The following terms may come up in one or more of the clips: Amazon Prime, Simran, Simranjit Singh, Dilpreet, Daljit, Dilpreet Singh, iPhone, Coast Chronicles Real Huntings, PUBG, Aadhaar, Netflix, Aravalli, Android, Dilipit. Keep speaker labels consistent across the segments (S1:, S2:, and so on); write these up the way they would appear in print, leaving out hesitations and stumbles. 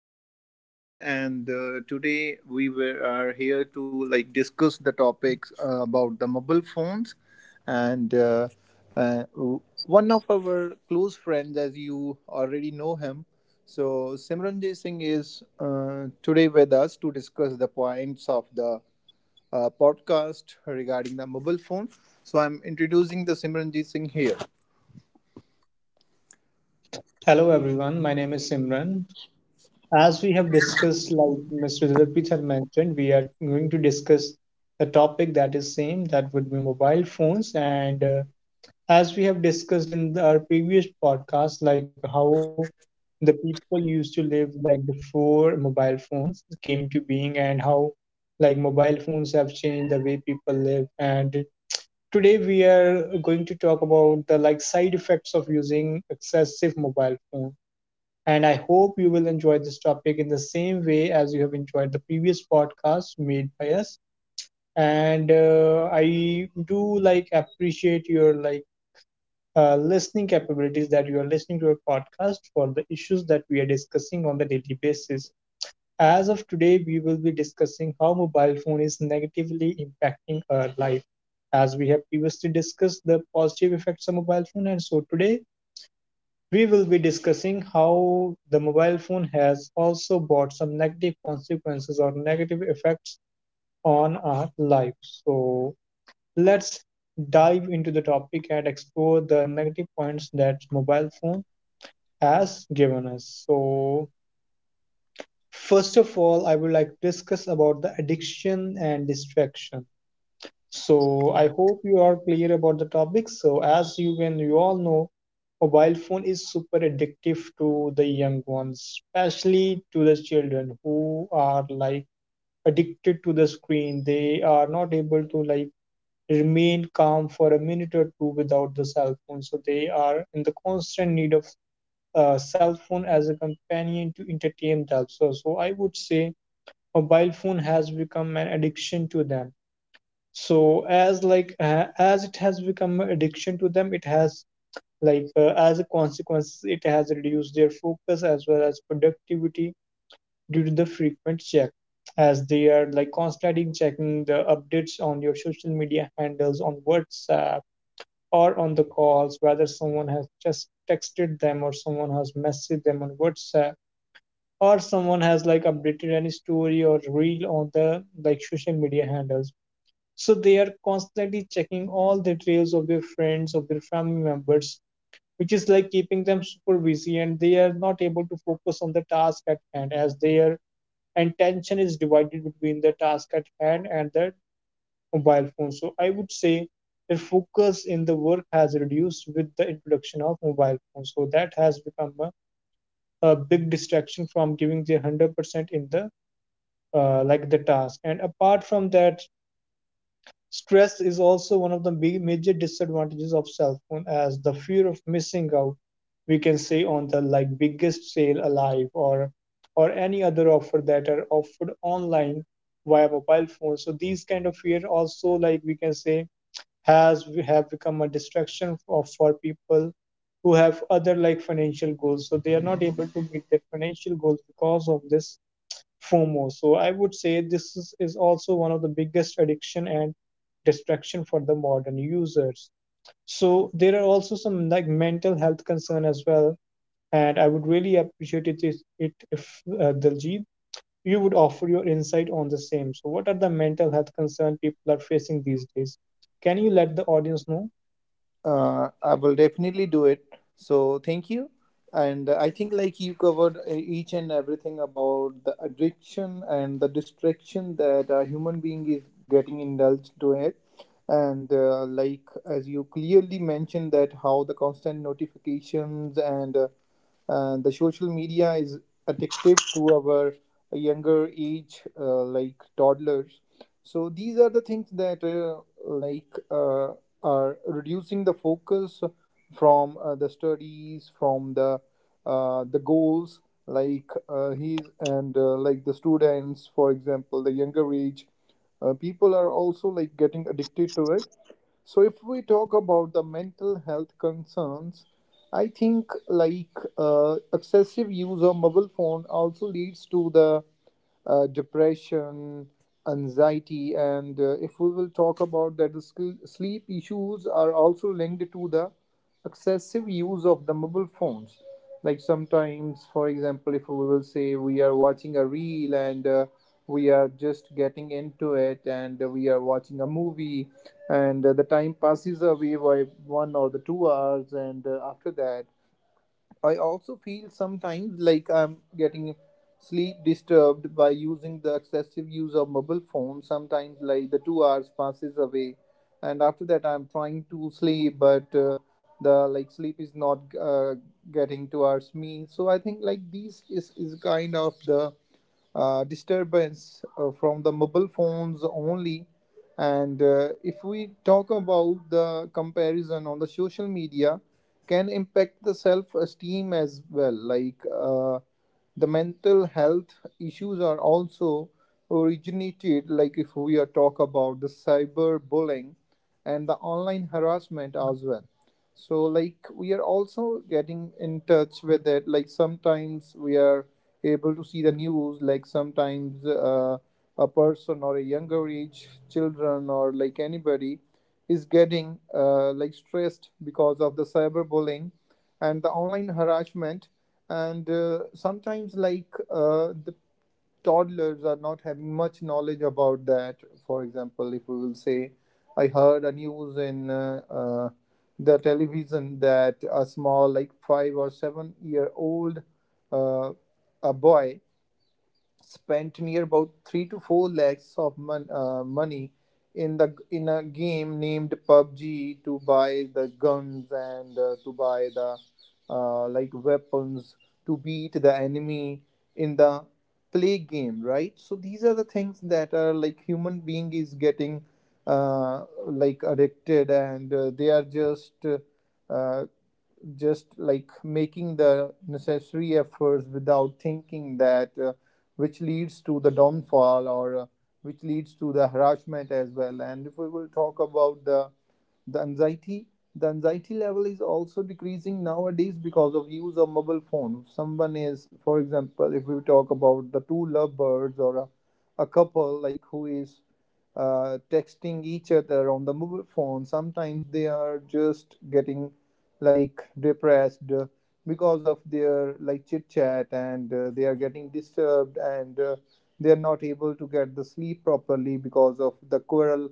S1: Myself, Dilpreet Singh, and today are here to like discuss the topics about the mobile phones. And uh, One of our close friends, as you already know him, so Simranjit Singh is today with us to discuss the points of the podcast regarding the mobile phone. So I'm introducing the Simranjit Singh here.
S2: Hello everyone, my name is Simran. As we have discussed, like Mr. Dilipit had mentioned, we are going to discuss the topic that is same, that would be mobile phones. And As we have discussed in our previous podcast, like how the people used to live like before mobile phones came into being and how like mobile phones have changed the way people live. And today we are going to talk about the like side effects of using excessive mobile phone, and I hope you will enjoy this topic in the same way as you have enjoyed the previous podcast made by us. And I do like appreciate your listening capabilities, that you are listening to our podcast for the issues that we are discussing on the daily basis. As of today, we will be discussing how mobile phone is negatively impacting our life, as we have previously discussed the positive effects of mobile phone, and so today we will be discussing how the mobile phone has also brought some negative consequences or negative effects on our lives. So let's dive into the topic and explore the negative points that mobile phone has given us. So first of all, I would like to discuss about the addiction and distraction. So I hope you are clear about the topic. So as you all know, mobile phone is super addictive to the young ones, especially to the children who are like addicted to the screen. They are not able to like remain calm for a minute or two without the cell phone. So they are in the constant need of cell phone as a companion to entertain themselves. So I would say mobile phone has become an addiction to them. So as as it has become an addiction to them, it has as a consequence it has reduced their focus as well as productivity due to the frequent check, as they are like constantly checking the updates on your social media handles, on WhatsApp, or on the calls, whether someone has just texted them or someone has messaged them on WhatsApp, or someone has like updated any story or reel on the like social media handles. So they are constantly checking all the trails of their friends, of their family members, which is like keeping them super busy, and they are not able to focus on the task at hand, as their attention is divided between the task at hand and the mobile phone. So I would say their focus in the work has reduced with the introduction of mobile phones, so that has become a big distraction from giving their 100% in the like the task. And apart from that, stress is also one of the big major disadvantages of cell phone, as the fear of missing out, we can say, on the like biggest sale alive, or any other offer that are offered online via mobile phone. So these kind of fear also, like we can say, has have become a distraction for people who have other like financial goals. So they are not able to meet their financial goals because of this FOMO. So I would say this is also one of the biggest addiction and distraction for the modern users. So there are also some like mental health concern as well, and I would really appreciate it if Daljit, you would offer your insight on the same. So what are the mental health concern people are facing these days? Can you let the audience know?
S1: I will definitely do it. So thank you, and I think like you covered each and everything about the addiction and the distraction that a human being is getting indulged to it, and like as you clearly mentioned that how the constant notifications and the social media is addictive to our younger age, like toddlers. So these are the things that are reducing the focus from the studies, from the goals. Like he's and like the students, for example, the younger age, people are also like getting addicted to it. So, if we talk about the mental health concerns, I think like excessive use of mobile phone also leads to the depression, anxiety, and if we will talk about that, the sleep issues are also linked to the excessive use of the mobile phones. Like sometimes, for example, if we will say we are watching a reel and we are just getting into it and we are watching a movie and the time passes away by one or the 2 hours and after that I also feel sometimes like I'm getting sleep disturbed by using the excessive use of mobile phone. Sometimes like the 2 hours passes away, and after that I'm trying to sleep, but the like sleep is not getting towards me. So I think like these is kind of the disturbance from the mobile phones only. And if we talk about the comparison on the social media, can impact the self esteem as well like the mental health issues are also originated like if we are talk about the cyber bullying and the online harassment as well. So like we are also getting in touch with it like sometimes we are able to see the news like sometimes a person or a younger age children or like anybody is getting like stressed because of the cyberbullying and the online harassment, and sometimes the toddlers are not having much knowledge about that. For example, if we will say, I heard a news in the television that a small like 5 or 7-year-old uh, a boy spent near about 3 to 4 lakhs of money in the in a game named PUBG to buy the guns and to buy the like weapons to beat the enemy in the play game, right? So these are the things that are like human being is getting like addicted and they are uh, just like making the necessary efforts without thinking that which leads to the downfall or which leads to the harassment as well. And if we will talk about the anxiety, the anxiety level is also decreasing nowadays because of use of mobile phone. Someone is, for example, if we talk about the two lovebirds or a couple like who is texting each other on the mobile phone, sometimes they are just getting like depressed because of their like chit chat and they are getting disturbed and they are not able to get the sleep properly because of the quarrel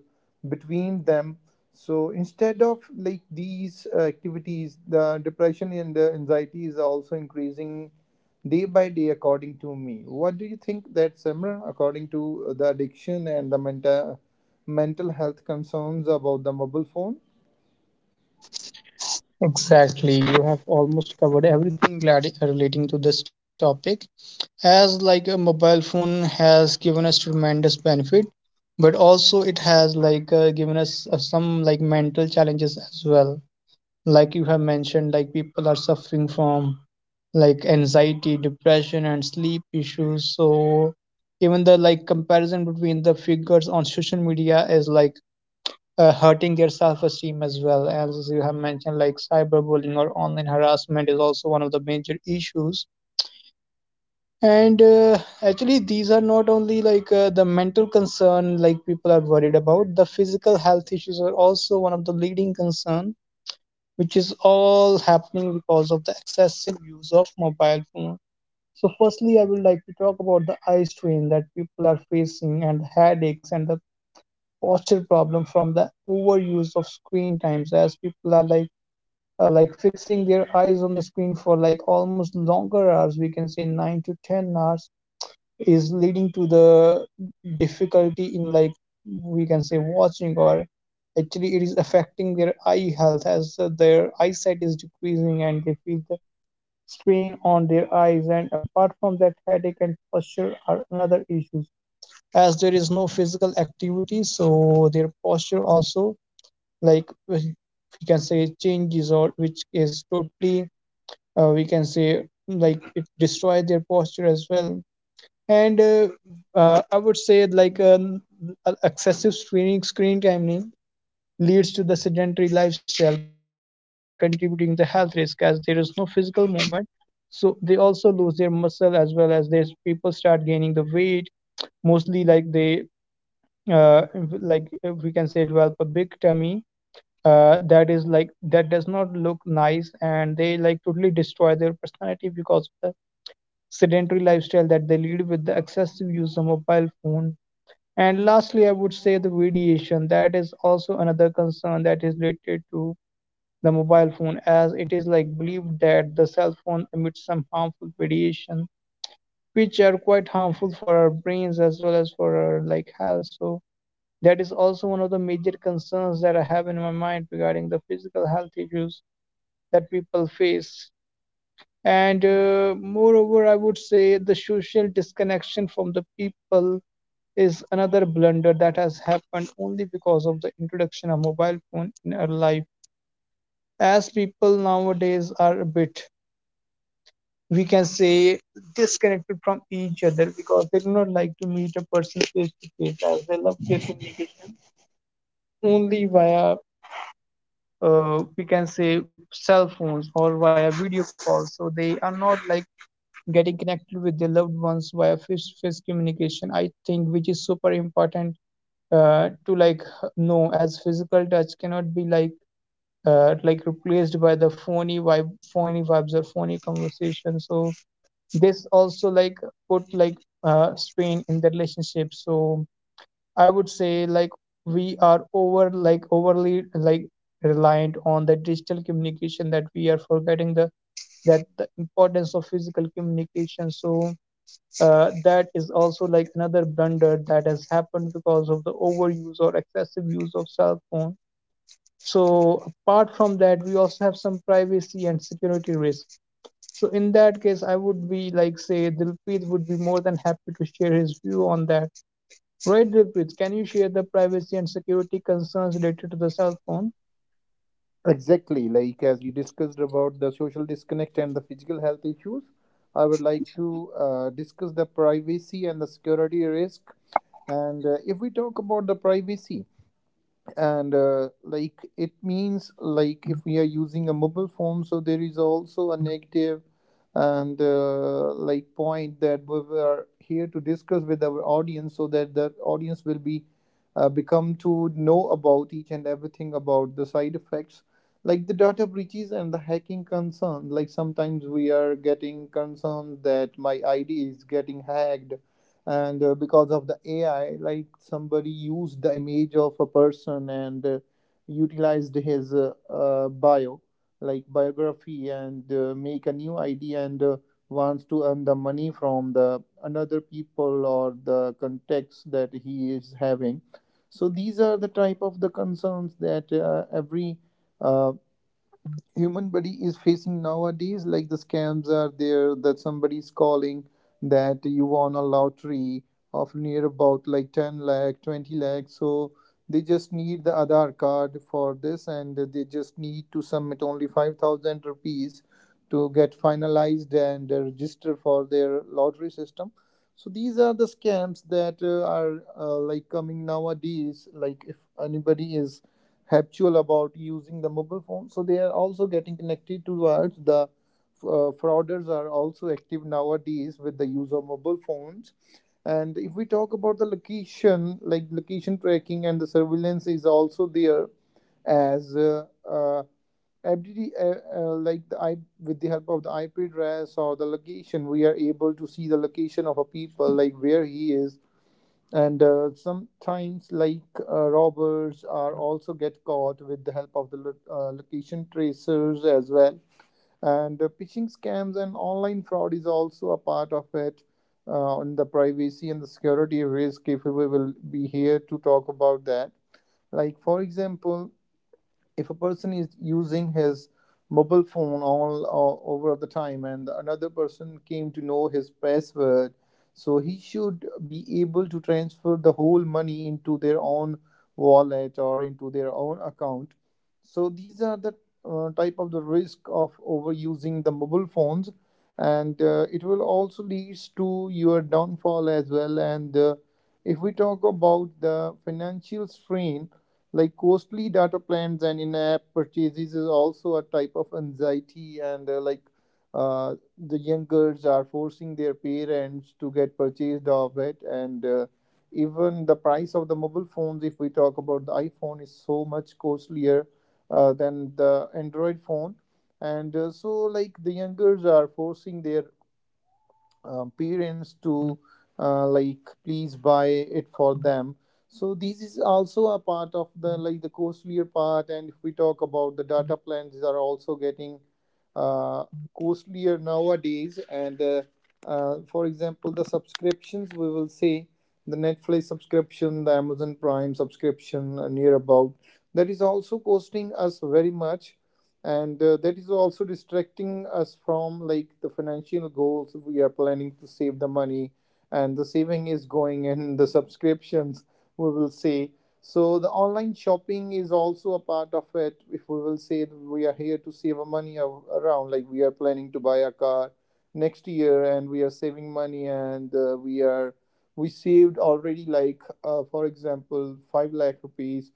S1: between them. So instead of like these activities, the depression and the anxiety is also increasing day by day, according to me. What do you think that Simran, according to the addiction and the mental health concerns about the mobile phone?
S2: Exactly. You have almost covered everything relating to this topic. As like a mobile phone has given us tremendous benefit, but also it has given us some like mental challenges as well, like you have mentioned, like people are suffering from like anxiety, depression and sleep issues. So even the like comparison between the figures on social media is hurting their self-esteem, as well as you have mentioned like cyberbullying or online harassment is also one of the major issues. And Actually, these are not only the mental concern like people are worried about. The physical health issues are also one of the leading concern, which is all happening because of the excessive use of mobile phone. So, firstly, I would like to talk about the eye strain that people are facing, and headaches, and the posture problem from the overuse of screen times, as people are like fixing their eyes on the screen for like almost longer hours, we can say 9 to 10 hours, is leading to the difficulty in like, we can say, watching, or actually it is affecting their eye health, as their eyesight is decreasing and they feel the strain on their eyes. And apart from that, headache and posture are another issues, as there is no physical activity, so their posture also like uh, we can say changes, or which is totally we can say like it destroy their posture as well. And I would say excessive screen timing leads to the sedentary lifestyle, contributing to health risk, as there is no physical movement, so they also lose their muscle, as well as there's people start gaining the weight, mostly like they uh, we can say develop a big tummy, that is like that does not look nice, and they like totally destroy their personality because of the sedentary lifestyle that they lead with the excessive use of mobile phone. And lastly, I would say the radiation. That is also another concern that is related to the mobile phone, as it is like believed that the cell phone emits some harmful radiation, which are quite harmful for our brains, as well as for our like health. So that is also one of the major concerns that I have in my mind regarding the physical health issues that people face. And Moreover, I would say the social disconnection from the people is another blunder that has happened only because of the introduction of mobile phone in our life, as people nowadays are a bit, we can say, disconnected from each other, because they do not like to meet a person face to face, as they love their communication only via, we can say, cell phones or via video calls. So they are not like getting connected with their loved ones via face to face communication, I think, which is super important to like no as physical touch cannot be like replaced by the phony vibes or phony conversation. So this also like put like strain in the relationship. So I would say like we are overly like reliant on the digital communication, that we are forgetting the that the importance of physical communication. So that is also like another blunder that has happened because of the overuse or excessive use of cell phone. So apart from that, we also have some privacy and security risks. So in that case I would be like, say, Dilpreet would be more than happy to share his view on that. Right, Dilpreet, can you share the privacy and security concerns related to the cell phone?
S1: Exactly, like as you discussed about the social disconnect and the physical health issues, I would like to discuss the privacy and the security risk. And if we talk about the privacy, and like it means like if we are using a mobile phone so there is also a negative and like point that we were here to discuss with our audience so that the audience will be become to know about each and everything about the side effects, like the data breaches and the hacking concern, like sometimes we are getting concerned that my id is getting hacked and because of the ai like somebody used the image of a person and utilized his bio like biography and make a new id and wants to earn the money from the another people or the contacts that he is having. So these are the type of the concerns that every uh, human body is facing nowadays, like the scams are there that somebody is calling that you won a lottery of near about like 10 lakh 20 lakh. So they just need the Aadhaar card for this and they just need to submit only 5,000 rupees to get finalized and register for their lottery system. So these are the scams that are like coming nowadays, like if anybody is habitual about using the mobile phone so they are also getting connected towards the frauders are also active nowadays with the use of mobile phones. And if we talk about the location like location tracking and the surveillance is also there, as FDD, like the I, with the help of the IP address or the location, we are able to see the location of a people, like where he is, and sometimes robbers are also get caught with the help of the location tracers as well. And phishing scams and online fraud is also a part of it, on the privacy and the security risk if we will be here to talk about that. Like for example, if a person is using his mobile phone all over the time and another person came to know his password, so he should be able to transfer the whole money into their own wallet or into their own account. So these are the type of the risk of overusing the mobile phones, and it will also leads to your downfall as well. And if we talk about the financial strain, like costly data plans and in-app purchases is also a type of anxiety, and the young girls are forcing their parents to get purchased of it, and even the price of the mobile phones, if we talk about the iPhone, is so much costlier than the Android phone, and so like the young girls are forcing their parents to like please buy it for them. So this is also a part of the like the costlier part. And if we talk about the data plans, these are also getting uh, costlier nowadays. And for example, the subscriptions we will say the Netflix subscription, the Amazon Prime subscription, near about, that is also costing us very much. And that is also distracting us from like the financial goals. We are planning to save the money and the saving is going in the subscriptions, we will say. So the online shopping is also a part of it. If we will say that we are here to save a money around, like we are planning to buy a car next year and we are saving money and we, are we saved already like for example 5 lakh rupees,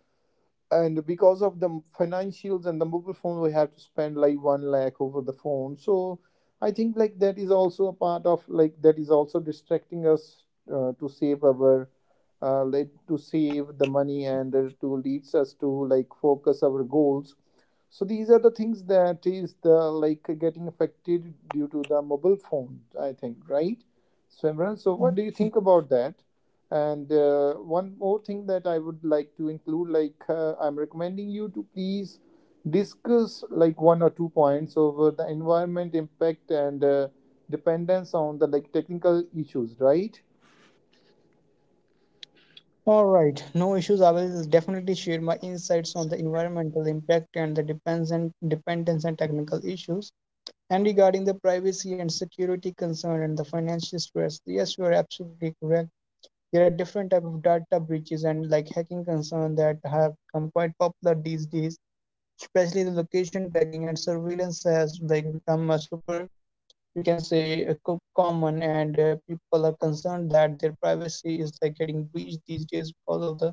S1: and because of the financials and the mobile phone we have to spend like one lakh over the phone. So I think like that is also a part of like that is also distracting us to save our like to save the money and to leads us to like focus our goals. So these are the things that is the like getting affected due to the mobile phone, I think, right? So so what do you think about that? And one more thing that I would like to include, like I'm recommending you to please discuss like one or two points over the environment impact and dependence on the like technical issues, right?
S2: All right, no issues. I will definitely share my insights on the environmental impact and the depends and dependence and technical issues. And regarding the privacy and security concern and the financial stress, yes, you are absolutely correct. There are different type of data breaches and like hacking concern that have become quite popular these days. Especially the location tracking and surveillance has like become a super, we can say, a common, and people are concerned that their privacy is like getting breached these days because of the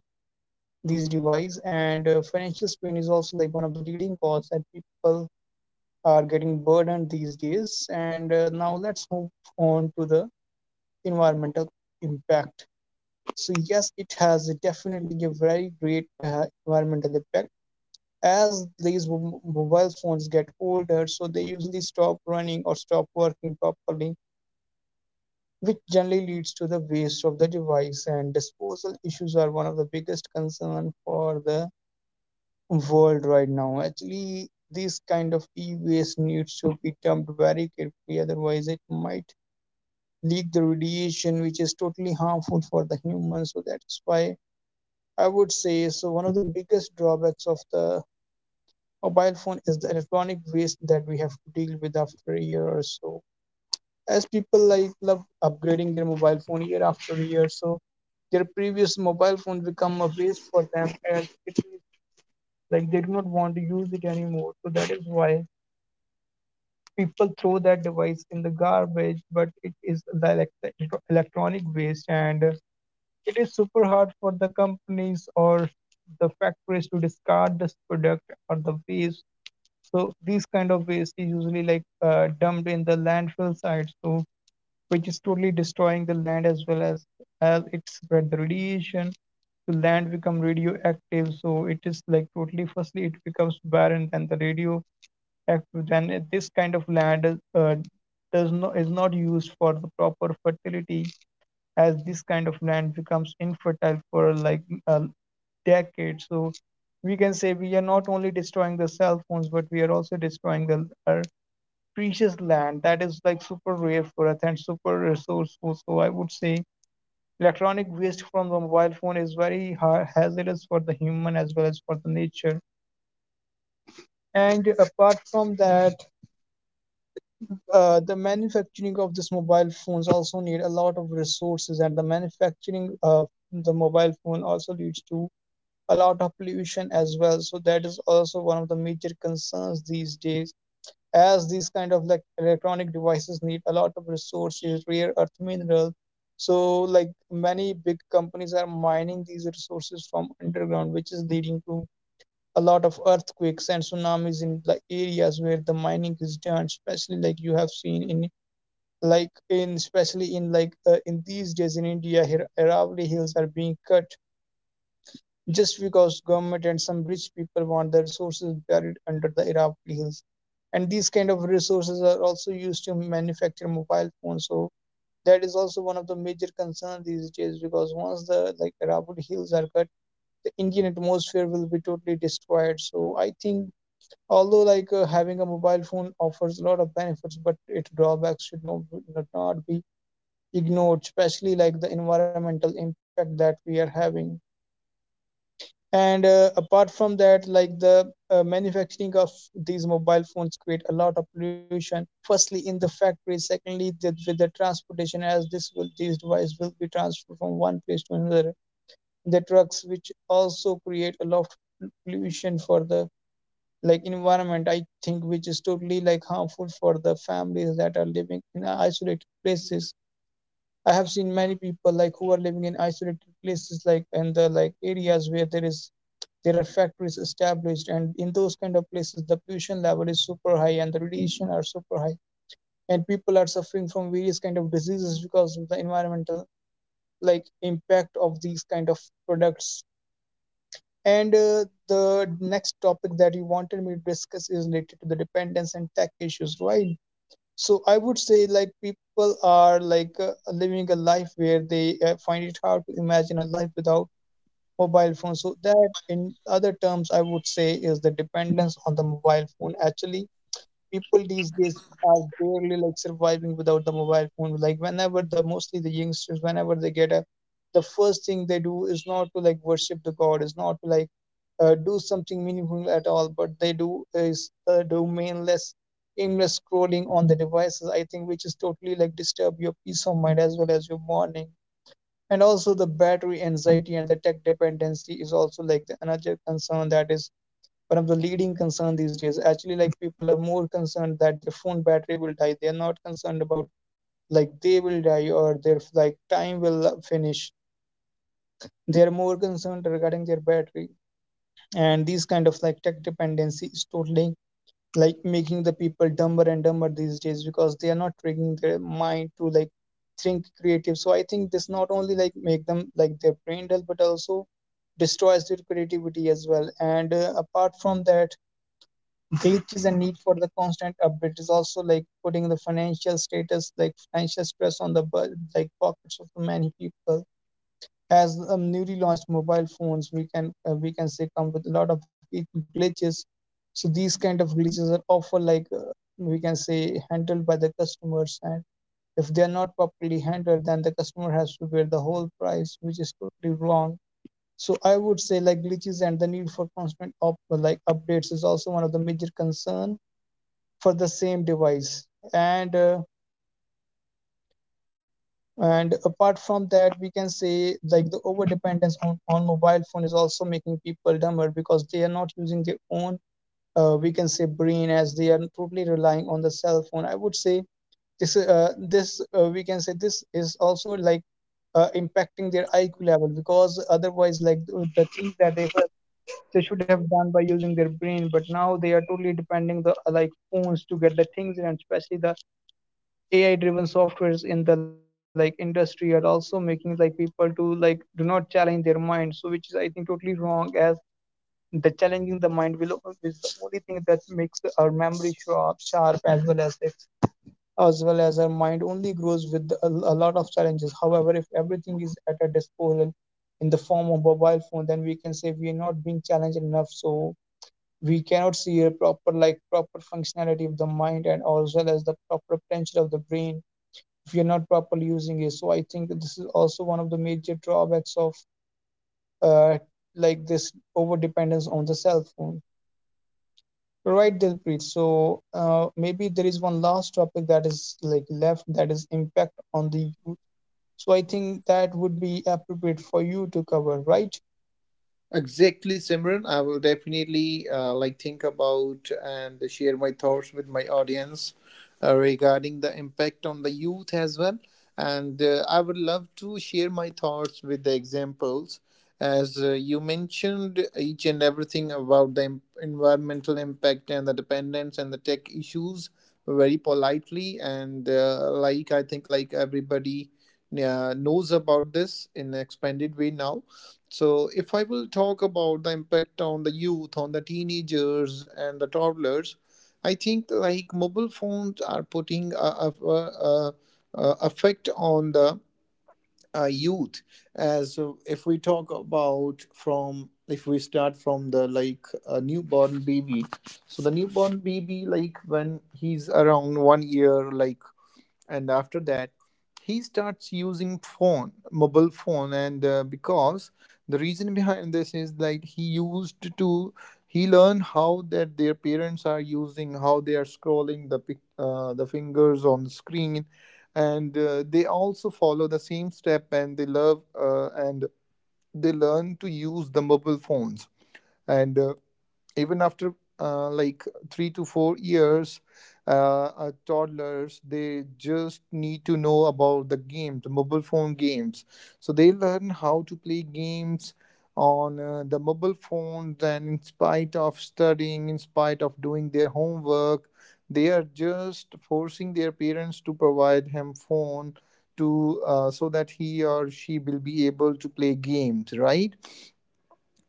S2: these device. And Financial strain is also like one of the leading cause that people are getting burdened these days. And Now let's move on to the environmental impact. So, yes, it has a definitely a very great environmental impact. As these mobile phones get older, so they usually stop running or stop working properly, which generally leads to the waste of the device. And disposal issues are one of the biggest concern for the world right now. Actually, this kind of e-waste needs to be dumped very carefully, otherwise it might leak the radiation, which is totally harmful for the humans. So that's why I would say so. One of the biggest drawbacks of the mobile phone is the electronic waste that we have to deal with after a year or so. As people like love upgrading their mobile phone year after year, so their previous mobile phone become a waste for them, and it is like they do not want to use it anymore. So that is why people throw that device in the garbage, but it is the electronic waste, and it is super hard for the companies or the factories to discard this product or the waste. So these kind of waste is usually dumped in the landfill site, so which is totally destroying the land, as well as it spread the radiation. The land become radioactive, so it is like totally, firstly, it becomes barren. And the radio, if then it- this kind of land is, does not is not used for the proper fertility, as this kind of land becomes infertile for like a decade. So we can say we are not only destroying the cell phones, but we are also destroying the our precious land that is like super rare for us and super resourceful. So I would say electronic waste from the mobile phone is very hazardous for the human as well as for the nature. And apart from that, the manufacturing of this mobile phones also need a lot of resources, and the manufacturing of the mobile phone also leads to a lot of pollution as well. So that is also one of the major concerns these days, as these kind of like electronic devices need a lot of resources, rare earth minerals. So like many big companies are mining these resources from underground, which is leading to a lot of earthquakes and tsunamis in the areas where the mining is done, especially like you have seen in like in especially in in these days in India, Aravalli hills are being cut just because government and some rich people want the resources buried under the Aravalli hills, and these kind of resources are also used to manufacture mobile phones. So that is also one of the major concerns these days, because once the like Aravalli hills are cut, the Indian atmosphere will be totally destroyed. So I think although having a mobile phone offers a lot of benefits, but its drawbacks should not be ignored, especially like the environmental impact that we are having. And apart from that, like the manufacturing of these mobile phones create a lot of pollution. Firstly, in the factory. Secondly, the, with the transportation, as this will these devices will be transferred from one place to another. The trucks, which also create a lot of pollution for the like environment, I think, which is totally like harmful for the families that are living in isolated places. I have seen many people like who are living in isolated places, like in the like areas where there are factories established, and in those kind of places the pollution level is super high and the radiation are super high, and people are suffering from various kind of diseases because of the environmental like impact of these kind of products. And the next topic that you wanted me to discuss is related to the dependence and tech issues, right? So I would say like people are living a life where they find it hard to imagine a life without mobile phone. So that in other terms I would say is the dependence on the mobile phone. Actually, people these days are barely like surviving without the mobile phone. Like whenever the mostly the youngsters, whenever they get up, the first thing they do is not to like worship the god, is not to do something meaningful at all, but they do is do mainless aimless scrolling on the devices, I think, which is totally like disturb your peace of mind as well as your morning. And also the battery anxiety and the tech dependency is also like the another concern that is one of the leading concern these days. Actually, like people are more concerned that their phone battery will die. They are not concerned about like they will die or their like time will finish. They are more concerned regarding their battery. And these kind of like tech dependency is totally like making the people dumber and dumber these days, because they are not tricking their mind to like think creative. So I think this not only like make them like their brain dull, but also destroys their creativity as well. And apart from that, which is a need for the constant update is also like putting the financial status, like financial stress on the like pockets of the many people. As newly launched mobile phones, we can say come with a lot of glitches. So these kind of glitches are often like, we can say handled by the customers, and if they are not properly handled, then the customer has to bear the whole price, which is totally wrong. So I would say like glitches and the need for constant up like updates is also one of the major concern for the same device. and uh, and apart from that, we can say like the over dependence on mobile phone is also making people dumber, because they are not using their own we can say brain, as they are totally relying on the cell phone. I would say this this we can say this is also like impacting their IQ level, because otherwise, like the things that they were, they should have done by using their brain, but now they are totally depending the like phones to get the things in. And especially the AI driven softwares in the like industry are also making like people to like do not challenge their mind. So which is I think totally wrong, as the challenging the mind will is the only thing that makes our memory sharp, as well as the, as well as our mind only grows with a lot of challenges. However, if everything is at our disposal in the form of mobile phone, then we can say we are not being challenged enough. So we cannot see a proper functionality of the mind and as well as the proper potential of the brain if you're not properly using it. So I think that this is also one of the major drawbacks of uh, like this over dependence on the cell phone. So, right, Dilpreet. So maybe there is one last topic that is like left, that is impact on the youth. So I think that would be appropriate for you to cover, right?
S1: Exactly, Simran. I will definitely like think about and share my thoughts with my audience regarding the impact on the youth as well. And I would love to share my thoughts with the examples, as you mentioned each and everything about the environmental impact and the dependence and the tech issues very politely. And like I think, everybody knows about this in an expanded way now. So, if I will talk about the impact on the youth, on the teenagers and the toddlers, I think mobile phones are putting a a effect on the youth. As if we talk about from if we start from the like a newborn baby. So the newborn baby, like when he's around 1 year, and after that he starts using phone mobile phone. And Because the reason behind this is like he used to he learned how that their parents are using, how they are scrolling the fingers on the screen, and they also follow the same step, and they love, and they learn to use the mobile phones. And Even after like 3 to 4 years, toddlers, they just need to know about the mobile phone games, so they learn how to play games on the mobile phones. And in spite of studying, in spite of doing their homework, they are just forcing their parents to provide him phone, to so that he or she will be able to play games, right?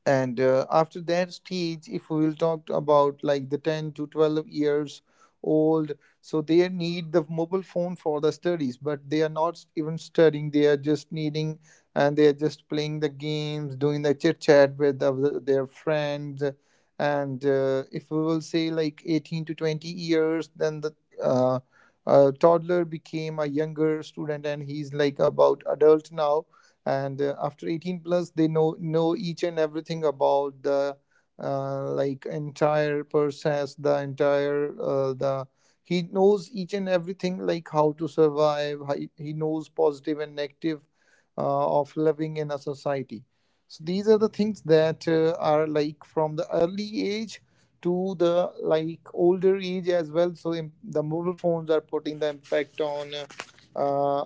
S1: and After that stage, if we will talk about like the 10 to 12 years old, so they need the mobile phone for the studies, but they are not even studying. They are just needing, and they are just playing the games, doing the chit chat with their friends. And If we will say like 18 to 20 years, then the uh, toddler became a younger student, and he's like about adult now. And After 18 plus, they know each and everything about the like entire process, the entire the he knows each and everything, like how to survive. How He knows positive and negative of living in a society. So these are the things that are like from the early age to the like older age as well. The mobile phones are putting the impact on uh,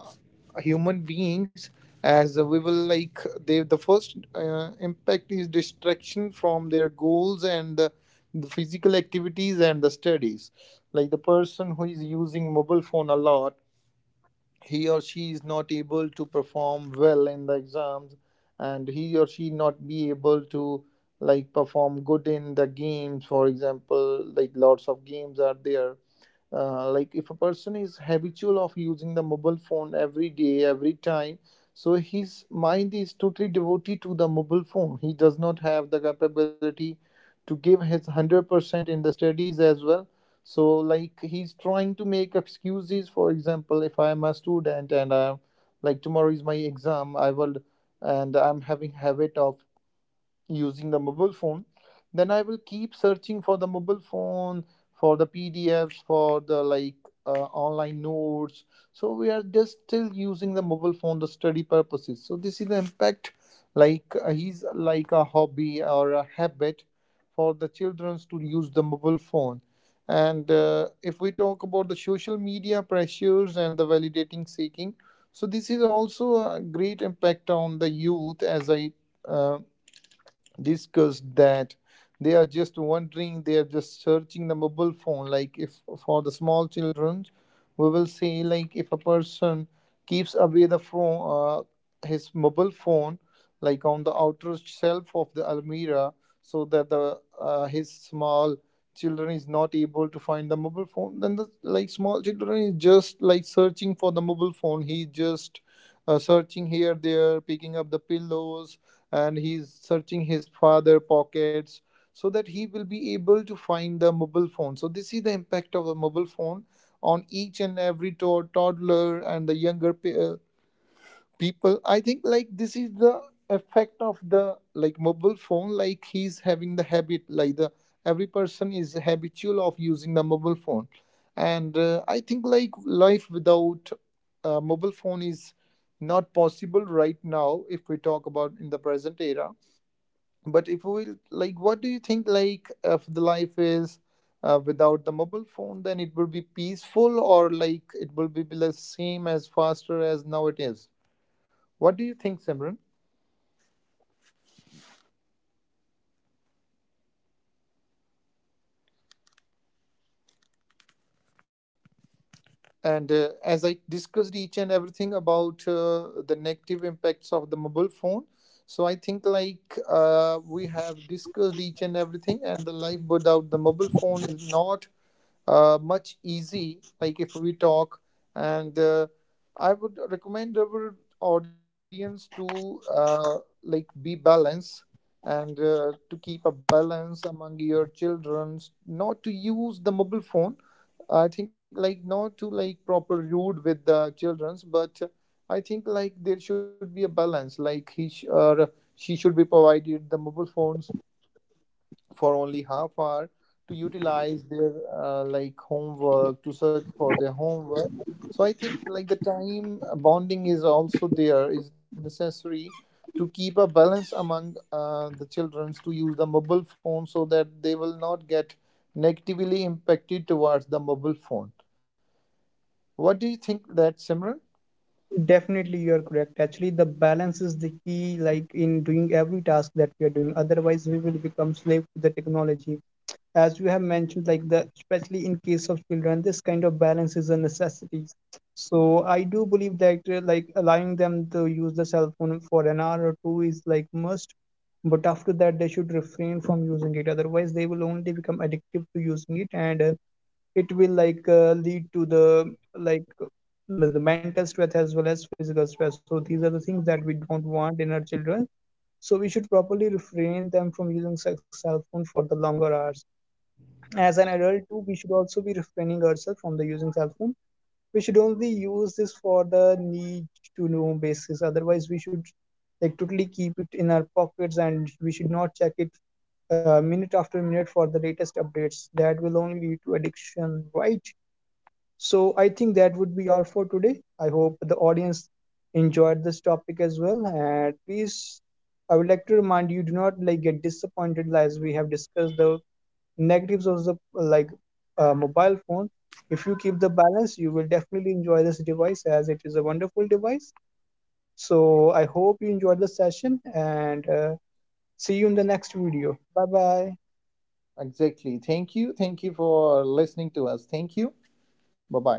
S1: human beings. As we will like They, the first impact is distraction from their goals, and the physical activities, and the studies. Like the person who is using mobile phone a lot, he or she is not able to perform well in the exams, and he or she not be able to like perform good in the games. For example, like lots of games are there. Like if a person is habitual of using the mobile phone every day, every time, so his mind is totally devoted to the mobile phone. He does not have the capability to give his 100% in the studies as well. So like he's trying to make excuses. For example, if I am a student and I like tomorrow is my exam, I will and I'm having habit of using the mobile phone, then I will keep searching for the mobile phone, for the pdfs, for the online notes. So we are just still using the mobile phone the study purposes. So this is the impact, like he's like a hobby or a habit for the children to use the mobile phone. And If we talk about the social media pressures and the validating seeking, so this is also a great impact on the youth. As I um, discussed that, they are just wondering, they are just searching the mobile phone. Like, if for the small children, we will say, like, if a person keeps away the phone, his mobile phone, like on the outer shelf of the almirah, so that the his small children is not able to find the mobile phone, then the like small children is just like searching for the mobile phone. He just searching here, there, picking up the pillows, and he's searching his father pockets so that he will be able to find the mobile phone. So this is the impact of the mobile phone on each and every toddler and the younger people. I think like this is the effect of the like mobile phone. Like he's having the habit, like the every person is habitual of using the mobile phone. And I think like life without a mobile phone is not possible right now, if we talk about in the present era. But if we like, what do you think, like if the life is without the mobile phone, then it will be peaceful, or like it will be the same as faster as now it is? What do you think, Simran? And As I discussed each and everything about the negative impacts of the mobile phone, so I think we have discussed each and everything, and the life without the mobile phone is not much easy like if we talk. And I would recommend our audience to like be balanced, and to keep a balance among your children not to use the mobile phone. I think like not to like proper rude with the children's, but I think like there should be a balance, like he sh- or she should be provided the mobile phones for only half hour to utilize their like homework, to search for their homework. So I think like the time bonding is also there is necessary to keep a balance among the children to use the mobile phone, so that they will not get negatively impacted towards the mobile phone. What do you think that, Simran?
S2: Definitely, you're correct. Actually, the balance is the key, like in doing every task that we are doing. Otherwise, we will become slave to the technology, as you have mentioned like that. Especially in case of children, this kind of balance is a necessity. So I do believe that like allowing them to use the cell phone for an hour or two is like must, but after that they should refrain from using it, otherwise they will only become addictive to using it. And it will lead to the like the mental stress as well as physical stress. So these are the things that we don't want in our children. So we should properly refrain them from using sex cell phone for the longer hours. As an adult too, we should also be refraining ourselves from the using cell phone. We should only use this for the need to know basis, otherwise we should like totally keep it in our pockets, and we should not check it minute after minute for the latest updates. That will only lead to addiction, right? So I think that would be all for today. I hope the audience enjoyed this topic as well, and please, I would like to remind you, do not like get disappointed as we have discussed the negatives of the like mobile phone. If you keep the balance, you will definitely enjoy this device, as it is a wonderful device. So I hope you enjoyed the session, and see you in the next video. Bye bye.
S1: Exactly, thank you, thank you for listening to us, thank you. Bye bye.